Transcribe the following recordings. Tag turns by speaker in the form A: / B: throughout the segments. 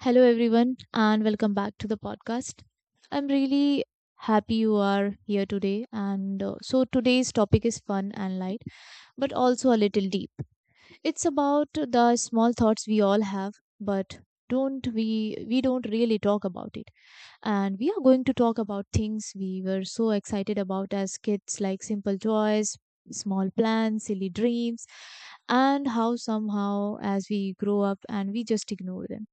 A: Hello, everyone, and welcome back to the podcast. I'm really happy you are here today. Today's topic is fun and light, but also a little deep. It's about the small thoughts we all have, but don't we don't really talk about it, and we are going to talk about things we were so excited about as kids, like simple toys, small plans, silly dreams, and how somehow as we grow up, and we just ignore them.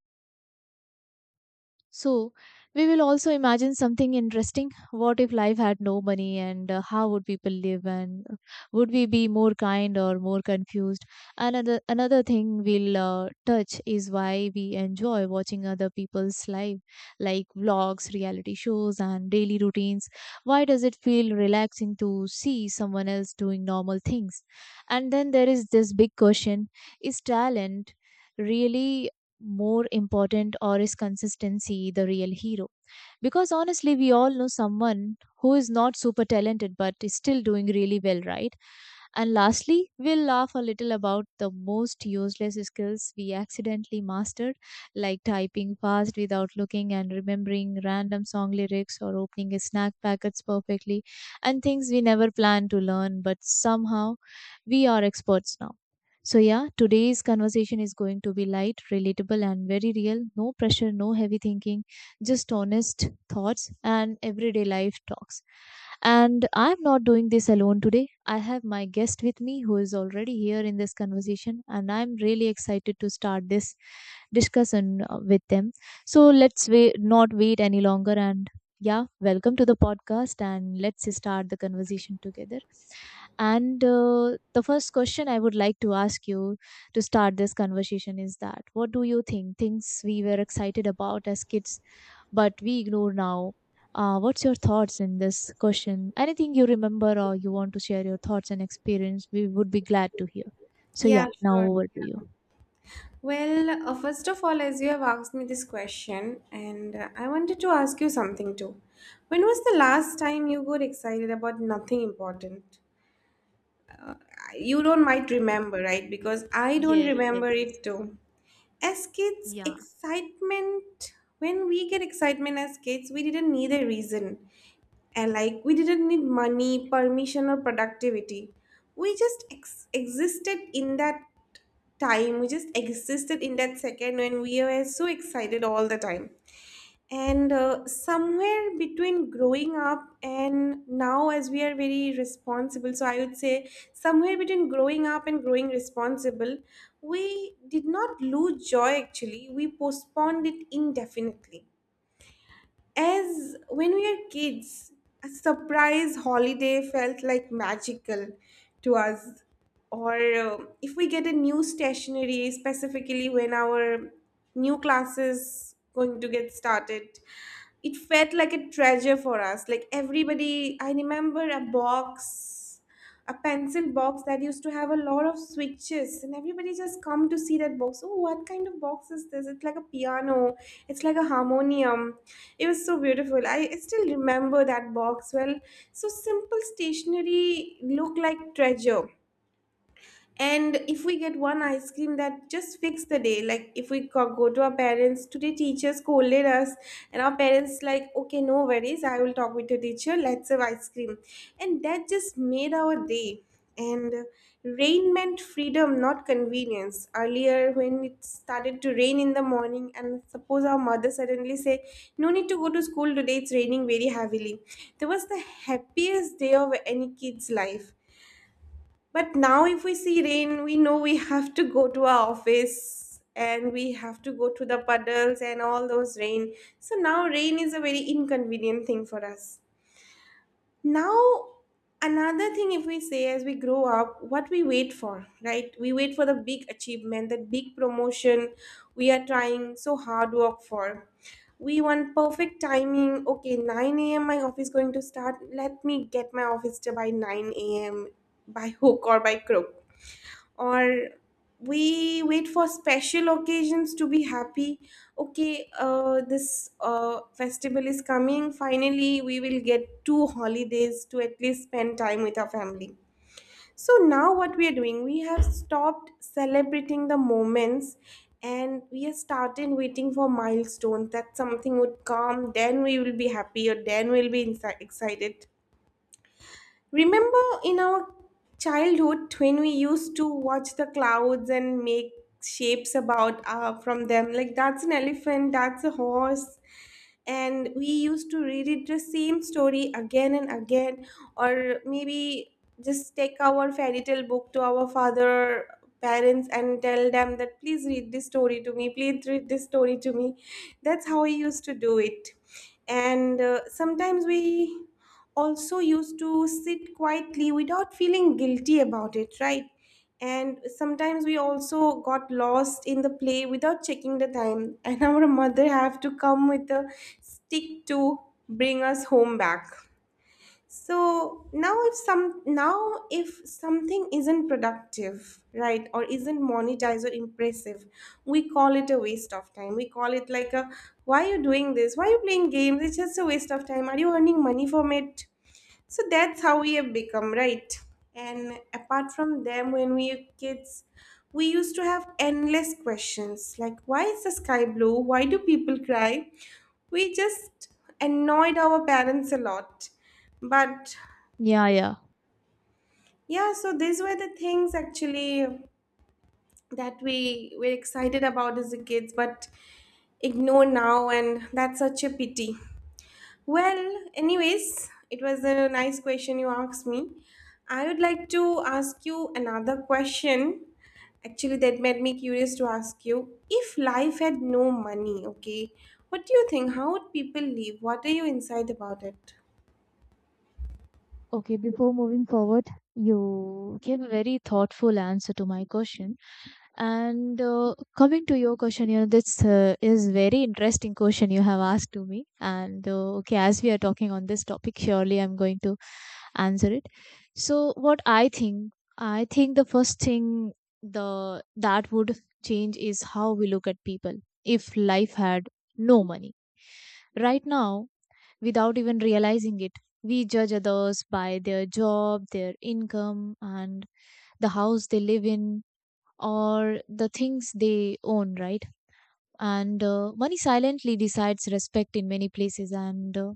A: So, we will also imagine something interesting. What if life had no money, and how would people live, and would we be more kind or more confused? Another thing we'll touch is why we enjoy watching other people's life, like vlogs, reality shows, and daily routines. Why does it feel relaxing to see someone else doing normal things? And then there is this big question: is talent really more important, or is consistency the real hero? Because honestly, we all know someone who is not super talented but is still doing really well, right? And lastly, we'll laugh a little about the most useless skills we accidentally mastered, like typing fast without looking and remembering random song lyrics or opening snack packets perfectly, and things we never planned to learn, but somehow we are experts now. So, yeah, today's conversation is going to be light, relatable, and very real. No pressure, no heavy thinking, just honest thoughts and everyday life talks. And I'm not doing this alone today. I have my guest with me who is already here in this conversation, and I'm really excited to start this discussion with them. So let's wait, not wait any longer. And yeah, welcome to the podcast, and let's start the conversation together. And The first question I would like to ask you to start this conversation is, that what do you think? Things we were excited about as kids but we ignore now. What's your thoughts in this question? Anything you remember, or you want to share your thoughts and experience, we would be glad to hear. So,
B: Yeah,
A: yeah, now
B: sure.
A: over to you.
B: Well, first of all, as you have asked me this question, and I wanted to ask you something too. When was the last time you got excited about nothing important? You don't might
A: Mm.
B: remember, right? Because I don't
A: Yeah,
B: remember
A: yes.
B: it too. As kids,
A: Yeah.
B: excitement, when we get excitement as kids, we didn't need a reason. And like, we didn't need money, permission, or productivity. We just existed in that time. We just existed in that second when we were so excited all the time. And somewhere between growing up and now, as we are very responsible, so I would say somewhere between growing up and growing responsible, we did not lose joy actually, we postponed it indefinitely. As when we were kids, a surprise holiday felt like magical to us. Or if we get a new stationery, specifically when our new classes going to get started, it felt like a treasure for us. Like everybody, I remember a box a pencil box that used to have a lot of switches, and everybody just come to see that box. Oh, what kind of box is this? It's like a piano, it's like a harmonium. It was so beautiful, I still remember that box well. So simple stationery look like treasure. And if we get one ice cream, that just fix the day. Like if we go to our parents, today teacher scolded us, and our parents like, okay, no worries, I will talk with the teacher, let's have ice cream. And that just made our day. And rain meant freedom, not convenience. Earlier when it started to rain in the morning and suppose our mother suddenly say, no need to go to school today, it's raining very heavily. That was the happiest day of any kid's life. But now, if we see rain, we know we have to go to our office and we have to go to the puddles and all those rain. So now, rain is a very inconvenient thing for us. Now, another thing, if we say as we grow up, what we wait for, right? We wait for the big achievement, that big promotion we are trying so hard work for. We want perfect timing. Okay, 9 a.m. my office going to start. Let me get my office to by 9 a.m. by hook or by crook. Or we wait for special occasions to be happy. Okay, this festival is coming, finally we will get two holidays to at least spend time with our family. So now what we are doing, we have stopped celebrating the moments, and we have started waiting for milestones, that something would come then we will be happy or then excited. Remember in our childhood when we used to watch the clouds and make shapes about from them like that's an elephant, that's a horse, and we used to reread the same story again and again. Or maybe just take our fairy tale book to our father parents and tell them that please read this story to me, please read this story to me. That's how we used to do it. And sometimes we also used to sit quietly without feeling guilty about it, right? And sometimes we also got lost in the play without checking the time and our mother have to come with a stick to bring us home back. So now if some now if something isn't productive, right, or isn't monetized or impressive, we call it a waste of time. We call it like a, why are you doing this, why are you playing games, it's just a waste of time, are you earning money from it? So that's how we have become, right? And apart from them, when we were kids, we used to have endless questions like why is the sky blue? Why do people cry? We just annoyed our parents a lot. But
A: Yeah, yeah.
B: yeah, so these were the things actually that we were excited about as a kids, but ignore now, and that's such a pity. Well, anyways, it was a nice question you asked me. I would like to ask you another question. Actually, that made me curious to ask you, if life had no money, okay, what do you think? How would people live? What are you inside about it?
A: Okay, before moving forward, you gave a very thoughtful answer to my question. And coming to your question, you know, this is very interesting question you have asked to me. And okay, as we are talking on this topic, surely I'm going to answer it. So I think the first thing the that would change is how we look at people. If life had no money, right now, without even realizing it, we judge others by their job, their income, and the house they live in or the things they own, right? And money silently decides respect in many places. And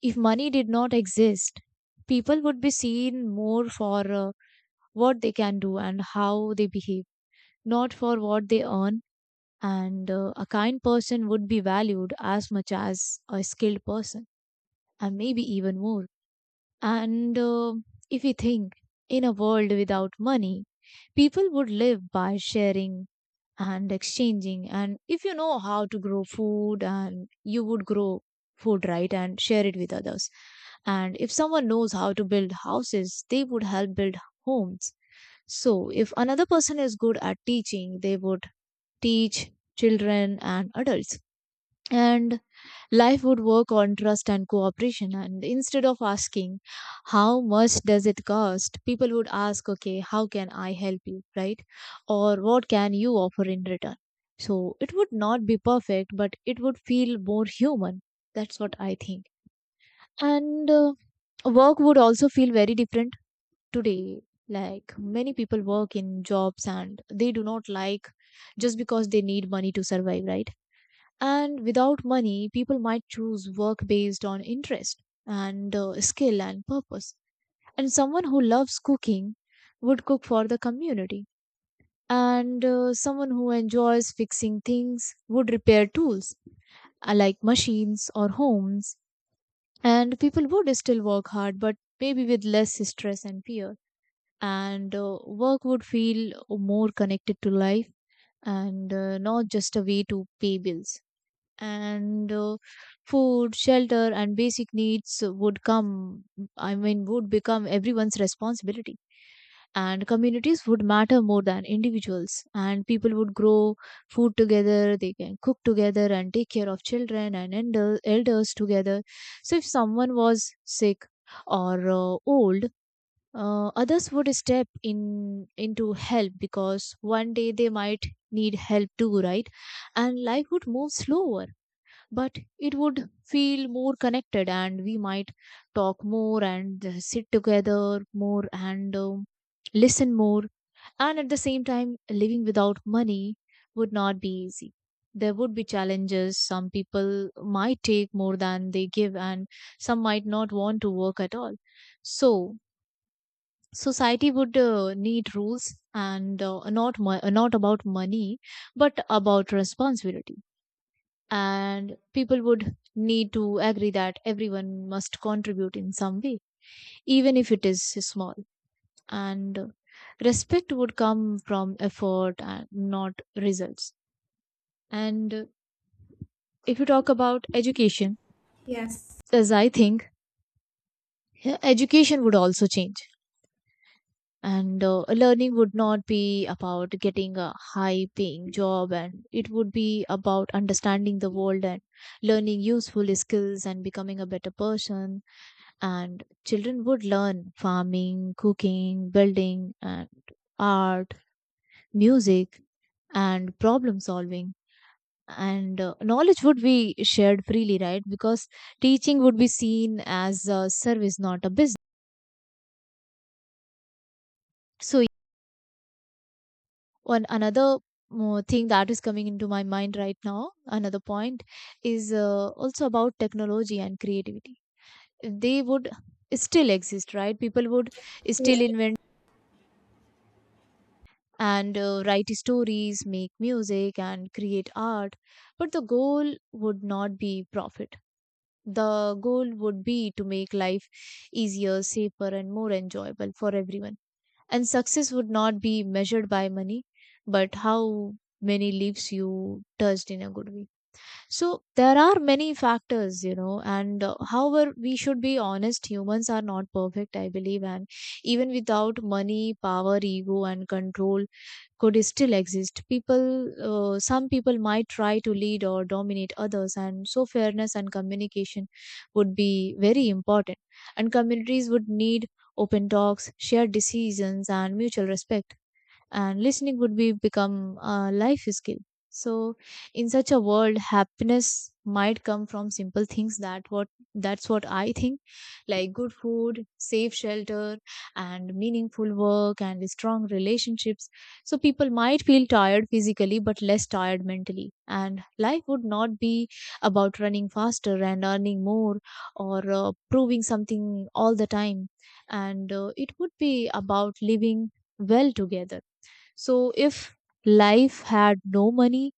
A: if money did not exist, people would be seen more for what they can do and how they behave, not for what they earn. And a kind person would be valued as much as a skilled person, and maybe even more. And if we think, in a world without money, people would live by sharing and exchanging. And if you know how to grow food, and you would grow food, right, and share it with others. And if someone knows how to build houses, they would help build homes. So if another person is good at teaching, they would teach children and adults, and life would work on trust and cooperation, and instead of asking how much does it cost, people would ask, okay, how can I help you, right, or what can you offer in return. So it would not be perfect, but it would feel more human. That's what I think. And work would also feel very different today. Like, many people work in jobs and they do not like, just because they need money to survive, right? And without money, people might choose work based on interest and skill and purpose. And someone who loves cooking would cook for the community. And someone who enjoys fixing things would repair tools, like machines or homes. And people would still work hard, but maybe with less stress and fear. And work would feel more connected to life, and not just a way to pay bills. And food, shelter, and basic needs would come, I mean, would become everyone's responsibility. And communities would matter more than individuals, and people would grow food together, they can cook together, and take care of children and elders together. So, if someone was sick or old, others would step in into help because one day they might need help too, right? And life would move slower, but it would feel more connected, and we might talk more and sit together more and listen more. And at the same time, living without money would not be easy. There would be challenges. Some people might take more than they give, and some might not want to work at all. So society would need rules, and not about money but about responsibility. And people would need to agree that everyone must contribute in some way, even if it is small. And respect would come from effort and not results. And if you talk about education,
B: Yes,
A: as I think yeah, education would also change. And learning would not be about getting a high paying job, and it would be about understanding the world and learning useful skills and becoming a better person. And children would learn farming, cooking, building, and art, music, and problem solving. And knowledge would be shared freely, right? Because teaching would be seen as a service, not a business. So, one another thing that is coming into my mind right now, another point, is also about technology and creativity. They would still exist, right? People would
B: yeah,
A: still invent and write stories, make music, and create art. But the goal would not be profit. The goal would be to make life easier, safer, and more enjoyable for everyone. And success would not be measured by money, but how many lives you touched in a good way. So there are many factors, you know, and however, we should be honest. Humans are not perfect, I believe, and even without money, power, ego, and control could still exist. Some people might try to lead or dominate others, and so fairness and communication would be very important. And communities would need open talks, shared decisions, and mutual respect, and listening would be become a life skill. So in such a world, happiness might come from simple things. That's what I think. Like good food, safe shelter, and meaningful work and strong relationships. So people might feel tired physically but less tired mentally. And life would not be about running faster and earning more, or proving something all the time. And it would be about living well together. So if life had no money,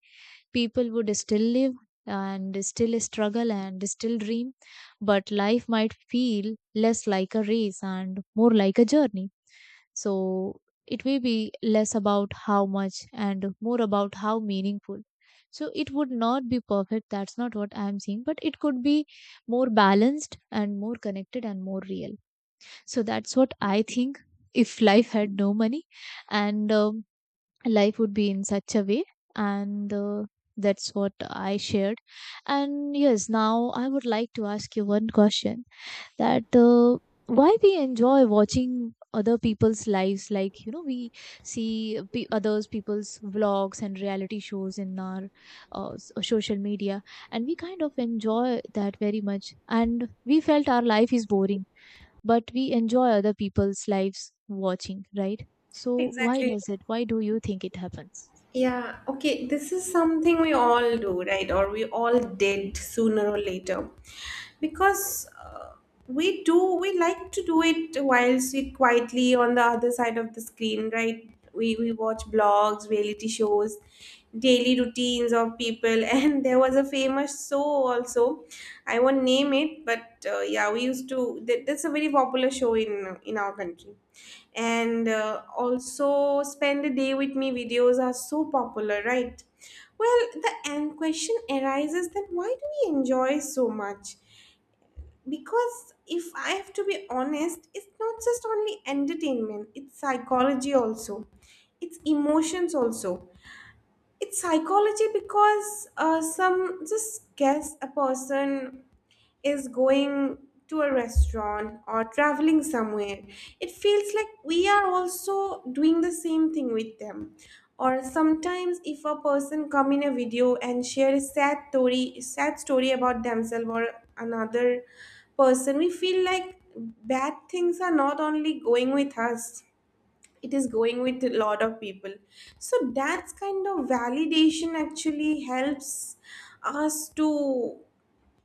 A: people would still live and still struggle and still dream, but life might feel less like a race and more like a journey. So it may be less about how much and more about how meaningful. So it would not be perfect. That's not what I'm saying, but it could be more balanced and more connected and more real. So that's what I think if life had no money. And life would be in such a way, and that's what I shared. And yes, now I would like to ask you one question, that why we enjoy watching other people's lives. Like, you know, we see others people's vlogs and reality shows in our social media, and we kind of enjoy that very much and we felt our life is boring, but we enjoy other people's lives watching, right? So why
B: exactly.
A: does it? Why do you think it happens?
B: Yeah, okay, this is something we all do, right? Or we all did sooner or later. Because we do, we like to do it while sit quietly on the other side of the screen, right? We watch blogs, reality shows, daily routines of people. And there was a famous show also. I won't name it, but yeah, we used to, that's a very popular show in our country. And also spend a day with me videos are so popular, right? Well, the end question arises that why do we enjoy so much? Because if I have to be honest, it's not just only entertainment, it's psychology also, it's emotions also. It's psychology because some just guess a person is going to a restaurant or traveling somewhere, it feels like we are also doing the same thing with them. Or sometimes, if a person come in a video and share a sad story about themselves or another person, we feel like bad things are not only going with us; it is going with a lot of people. So that's kind of validation actually helps us to,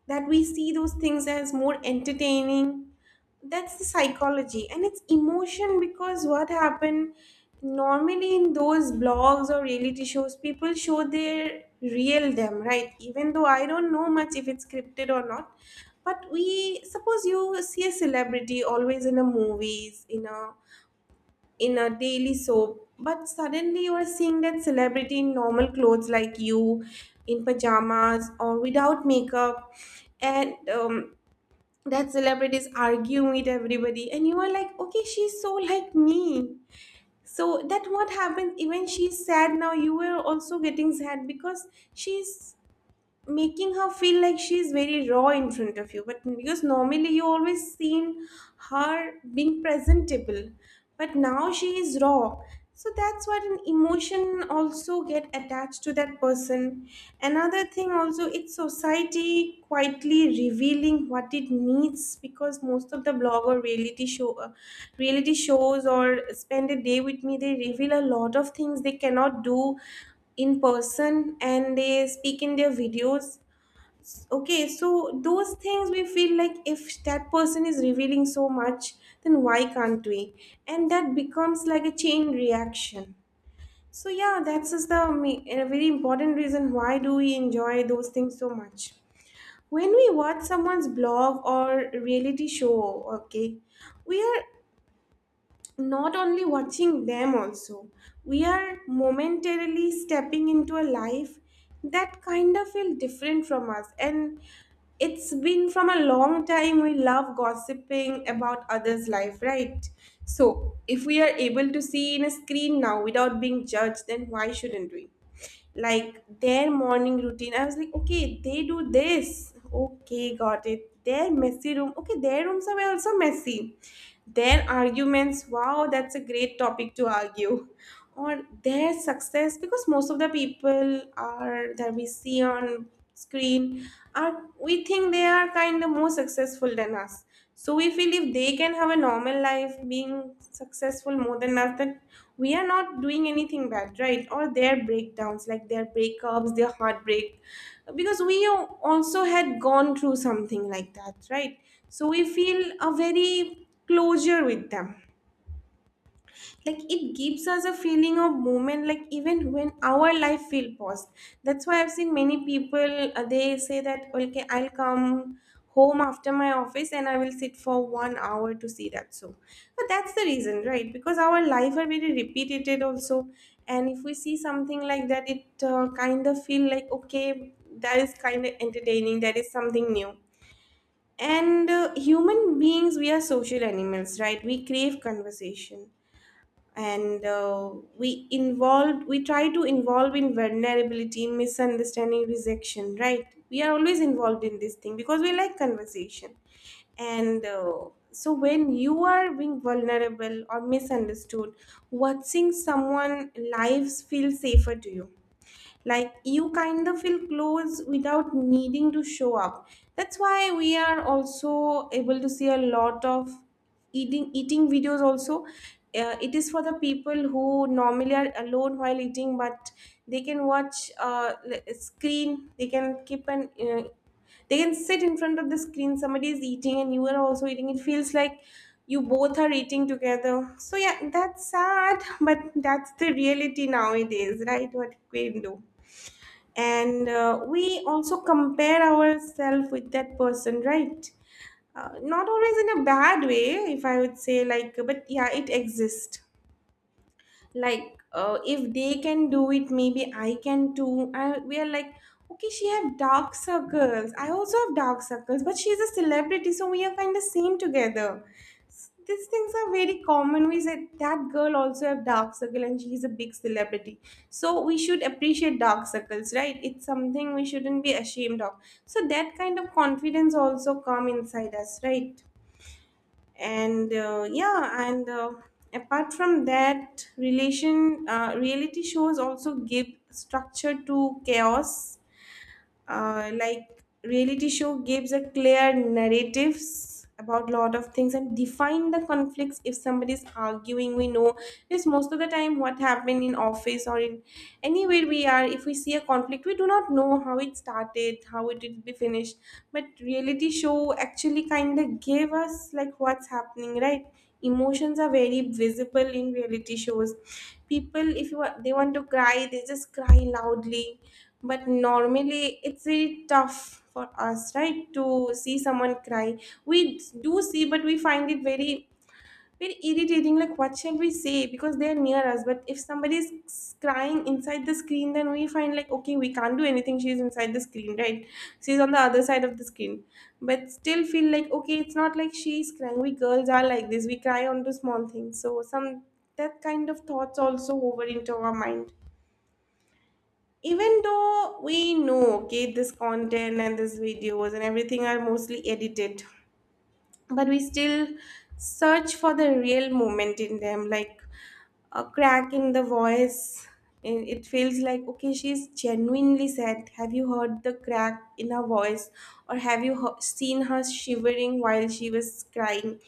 B: that we see those things as more entertaining. That's the psychology. And it's emotion because what happened normally in those blogs or reality shows, people show their real them, right? Even though I don't know much if it's scripted or not, but we, suppose you see a celebrity always in a movies, in a daily soap, but suddenly you are seeing that celebrity in normal clothes like you, in pajamas or without makeup. And that celebrity is arguing with everybody and you are like, okay, she's so like me. So that what happens, even she's sad now, you are also getting sad because she's making her feel like she's very raw in front of you. But because normally you always seen her being presentable, but now she is raw. So that's what an emotion also get attached to that person. Another thing also, it's society quietly revealing what it needs, because most of the blog or reality show reality shows or spend a day with me, they reveal a lot of things they cannot do in person, and they speak in their videos. Okay, so those things we feel like, if that person is revealing so much, then why can't we? And that becomes like a chain reaction. So yeah, that's just a very important reason why do we enjoy those things so much. When we watch someone's blog or reality show, okay, we are not only watching them, also we are momentarily stepping into a life that kind of feel different from us. And it's been from a long time we love gossiping about others life, right? So if we are able to see in a screen now without being judged, then why shouldn't we? Like their morning routine, I was like, okay, they do this, okay, got it. Their messy room, okay, their rooms are also messy. Their arguments, wow, that's a great topic to argue. Or their success, because most of the people are that we see on screen, are we think they are kind of more successful than us. So we feel if they can have a normal life being successful more than us, that we are not doing anything bad, right? Or their breakdowns, like their breakups, their heartbreak. Because also had gone through something like that, right? So we feel a very closure with them, like it gives us a feeling of movement, like even when our life feel paused. That's why I've seen many people, they say that okay, I'll come home after my office and I will sit for 1 hour to see that show. But that's the reason, right? Because our life are very repetitive also, and if we see something like that, it kind of feel like okay, that is kind of entertaining, that is something new. And human beings, we are social animals, right? We crave conversation. And we try to involve in vulnerability, misunderstanding, rejection, right? We are always involved in this thing because we like conversation. And So when you are being vulnerable or misunderstood, watching someone lives feel safer to you, like you kind of feel close without needing to show up. That's why we are also able to see a lot of eating videos also. It is for the people who normally are alone while eating, but they can watch screen, they can keep an they can sit in front of the screen, somebody is eating and you are also eating. It feels like you both are eating together. So, yeah, that's sad, but that's the reality nowadays, right? What we can do. And we also compare ourselves with that person, right? Not always in a bad way, if I would say, like, but yeah, it exists, like if they can do it maybe I can too. And we are like, okay, she have dark circles, I also have dark circles, but she's a celebrity, so we are kind of same together. These things are very common. We said that girl also have dark circle and she's a big celebrity, so we should appreciate dark circles, right? It's something we shouldn't be ashamed of. So that kind of confidence also come inside us, right? and yeah and Apart from that relation, reality shows also give structure to chaos. Like reality show gives a clear narratives about lot of things and define the conflicts. If somebody is arguing, we know this. Most of the time what happened in office or in anywhere we are, if we see a conflict we do not know how it started, how it will be finished. But reality show actually kind of gave us like what's happening, right? Emotions are very visible in reality shows. People, if you they want to cry, they just cry loudly. But normally it's really tough for us, right, to see someone cry. We do see, but we find it very, very irritating. Like, what shall we say? Because they're near us. But if somebody is crying inside the screen, then we find, like, okay, we can't do anything. She's inside the screen, right? She's on the other side of the screen. But still feel like, okay, it's not like she's crying. We girls are like this. We cry onto small things. So, some, that kind of thoughts also over into our mind. Even though we know, okay, this content and these videos and everything are mostly edited, but we still search for the real moment in them, like a crack in the voice. And it feels like, okay, she's genuinely sad, have you heard the crack in her voice? Or have you seen her shivering while she was crying,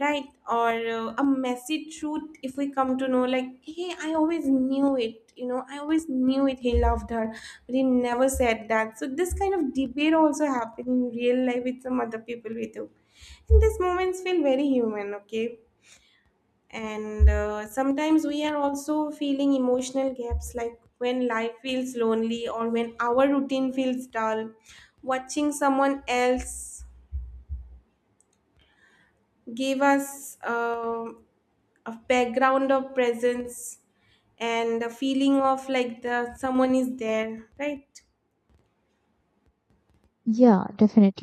B: right? Or a messy truth, if we come to know, like, hey, I always knew it, I always knew it, he loved her, but he never said that. So this kind of debate also happened in real life with some other people, we do. And these moments feel very human, okay. And sometimes we are also feeling emotional gaps, like when life feels lonely or when our routine feels dull, watching someone else give us a background of presence and a feeling of like, the someone is there, right?
A: Yeah, definitely.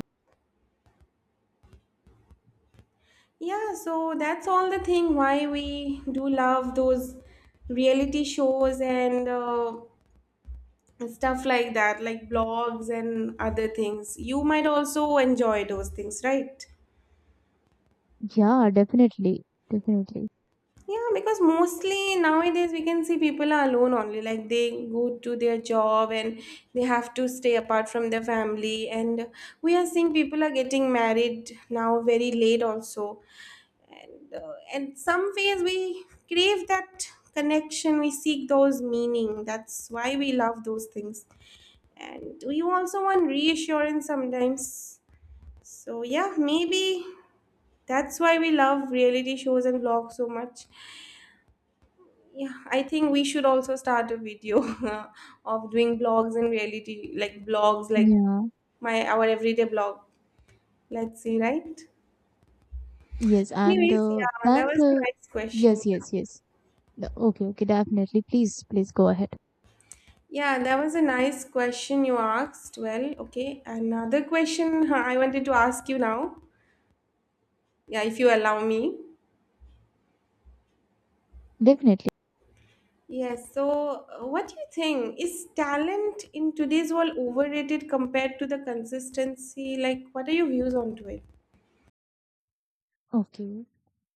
B: Yeah, so that's all the thing why we do love those reality shows and stuff like that, like blogs and other things. You might also enjoy those things, right?
A: Yeah, definitely. Definitely.
B: Yeah, because mostly nowadays we can see people are alone only. Like they go to their job and they have to stay apart from their family. And we are seeing people are getting married now very late also. And and some ways we crave that connection. We seek those meaning. That's why we love those things. And we also want reassurance sometimes. So yeah, maybe that's why we love reality shows and vlogs so much. Yeah, I think we should also start a video of doing blogs in reality, like blogs, like
A: Yeah.
B: my, our everyday blog. Let's see, right?
A: Yes, and
B: Anyways, yeah, that
A: then
B: was a
A: the
B: nice question.
A: Yes, yes, yes. No. Okay, okay, definitely. Please, please go ahead.
B: Yeah, that was a nice question you asked. Well, okay, another question I wanted to ask you now. Yeah, if you allow me.
A: Definitely.
B: Yes, so what do you think? Is talent in today's world overrated compared to the consistency? Like, what are your views on to it?
A: Okay.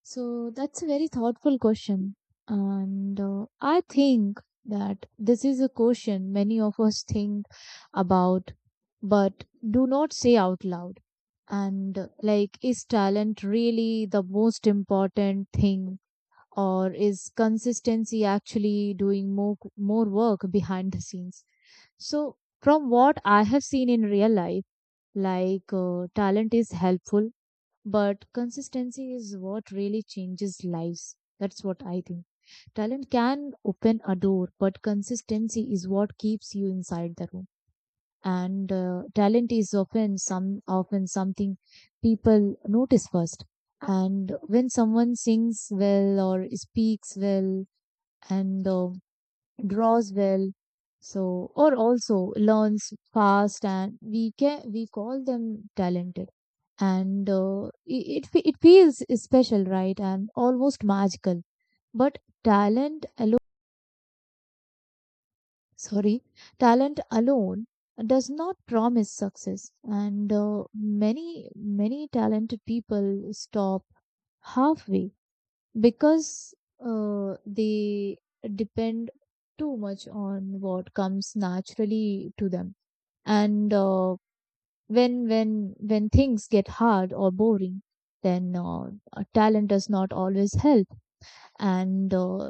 A: So that's a very thoughtful question. And I think that this is a question many of us think about but do not say out loud. And like, is talent really the most important thing? Or is consistency actually doing more work behind the scenes? So, from what I have seen in real life, like talent is helpful, but consistency is what really changes lives. That's what I think. Talent can open a door, but consistency is what keeps you inside the room. And talent is often some often something people notice first. And when someone sings well or speaks well and draws well, or also learns fast, and we call them talented and it feels special, right, and almost magical. But talent alone, sorry, talent alone does not promise success. And uh, many many talented people stop halfway because they depend too much on what comes naturally to them. And when things get hard or boring, then talent does not always help. And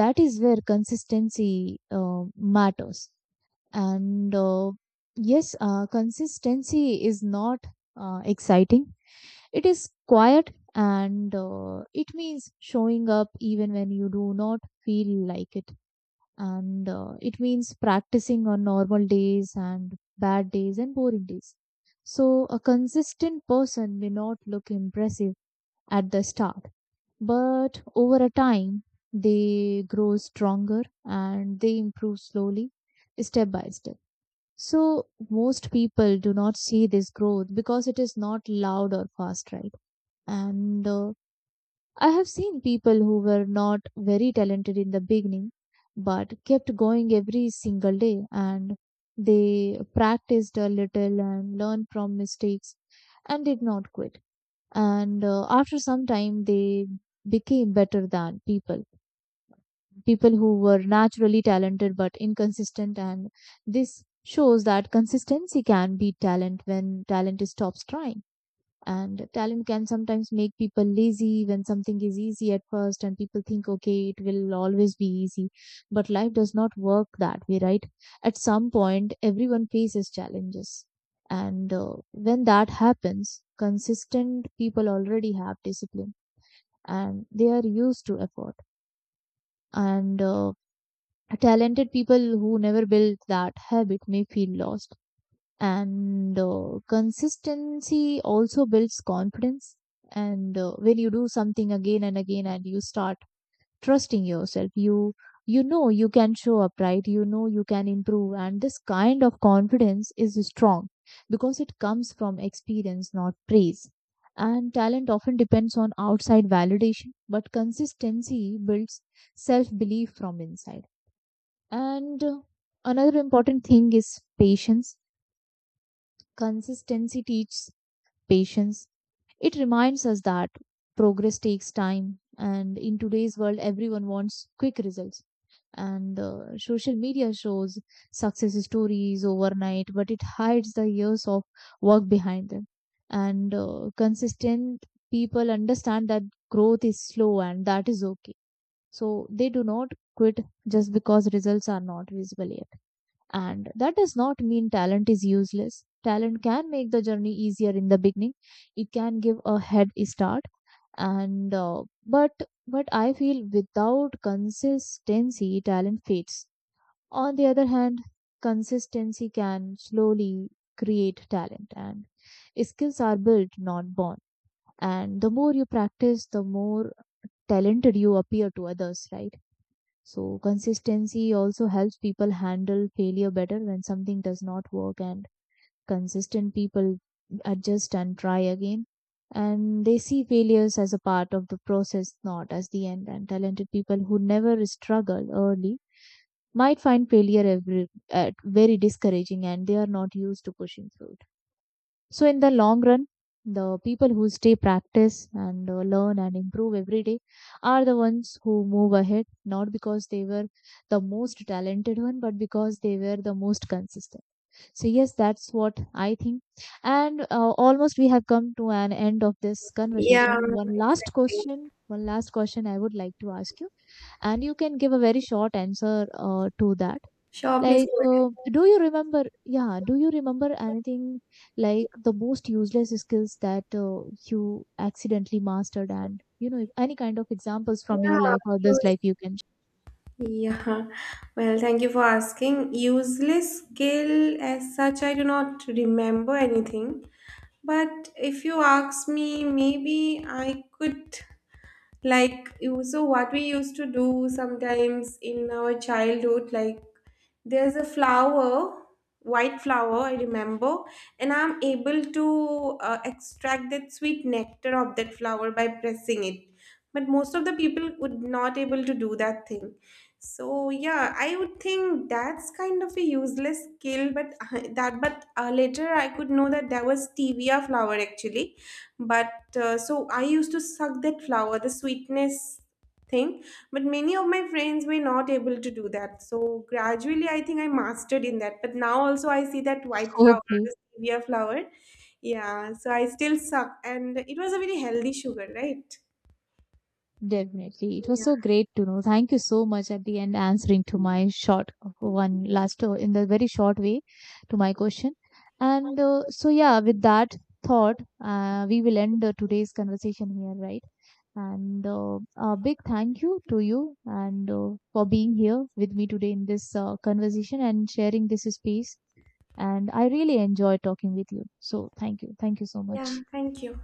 A: that is where consistency matters. And yes Consistency is not exciting. It is quiet, and it means showing up even when you do not feel like it, and it means practicing on normal days and bad days and boring days. So a consistent person may not look impressive at the start, but over a time, they grow stronger and they improve slowly, step by step. So most people do not see this growth because it is not loud or fast, right? And I have seen people who were not very talented in the beginning but kept going every single day, and they practiced a little and learned from mistakes and did not quit. And after some time, they became better than people who were naturally talented but inconsistent. And this shows that consistency can beat talent when talent stops trying. And talent can sometimes make people lazy when something is easy at first and people think, okay, it will always be easy, but life does not work that way, right? At some point everyone faces challenges, and when that happens, consistent people already have discipline and they are used to effort. And Talented people who never build that habit may feel lost. And Consistency also builds confidence. And When you do something again and again and you start trusting yourself, you know you can show up, right, you know you can improve, and this kind of confidence is strong because it comes from experience, not praise. And talent often depends on outside validation, but consistency builds self belief from inside. And Another important thing is patience. Consistency teaches patience. It reminds us that progress takes time, and in today's world, everyone wants quick results. And Social media shows success stories overnight, but it hides the years of work behind them. And Consistent people understand that growth is slow, and that is okay. So they do not quit just because results are not visible yet. And that does not mean talent is useless. Talent can make the journey easier in the beginning. It can give a head start, and but I feel without consistency, talent fades. On the other hand, consistency can slowly create talent, and skills are built, not born. And the more you practice, the more talented you appear to others, right? So consistency also helps people handle failure better. When something does not work, and consistent people adjust and try again, and they see failures as a part of the process, not as the end. And talented people who never struggle early might find failure every, at very discouraging, and they are not used to pushing through. So in the long run, the people who stay, practice, and learn and improve every day are the ones who move ahead, not because they were the most talented one, but because they were the most consistent. So yes, that's what I think. And Almost we have come to an end of this
B: Yeah,
A: conversation.
B: exactly.
A: One last question I would like to ask you, and you can give a very short answer to that.
B: Sure, please
A: Like,
B: go ahead.
A: do you remember? Yeah, do you remember anything like the most useless skills that you accidentally mastered, and, you know, any kind of examples from your
B: Yeah,
A: life or this
B: use,
A: life you can?
B: yeah. Well, thank you for asking. Useless skill as such, I do not remember anything. But if you ask me, maybe I could, like so what we used to do sometimes in our childhood, like there's a flower, white flower I remember, and I'm able to extract that sweet nectar of that flower by pressing it. But most of the people would not able to do that thing. So yeah, I would think that's kind of a useless skill, but that, but later I could know that there was stevia flower actually. But so I used to suck that flower, the sweetness thing, but many of my friends were not able to do that. So gradually, I think I mastered in that. But now also, I see that white flower,
A: Okay,
B: the stevia flower. Yeah, so I still suck, and it was a very healthy sugar, right?
A: definitely. It was
B: Yeah,
A: so great to know. Thank you so much at the end answering to my short one last in the very short way to my question. And so yeah, with that thought, we will end today's conversation here, right? And A big thank you to you, and for being here with me today in this conversation and sharing this space. And I really enjoy talking with you. So thank you. Thank you so
B: yeah.
A: much.
B: Thank you.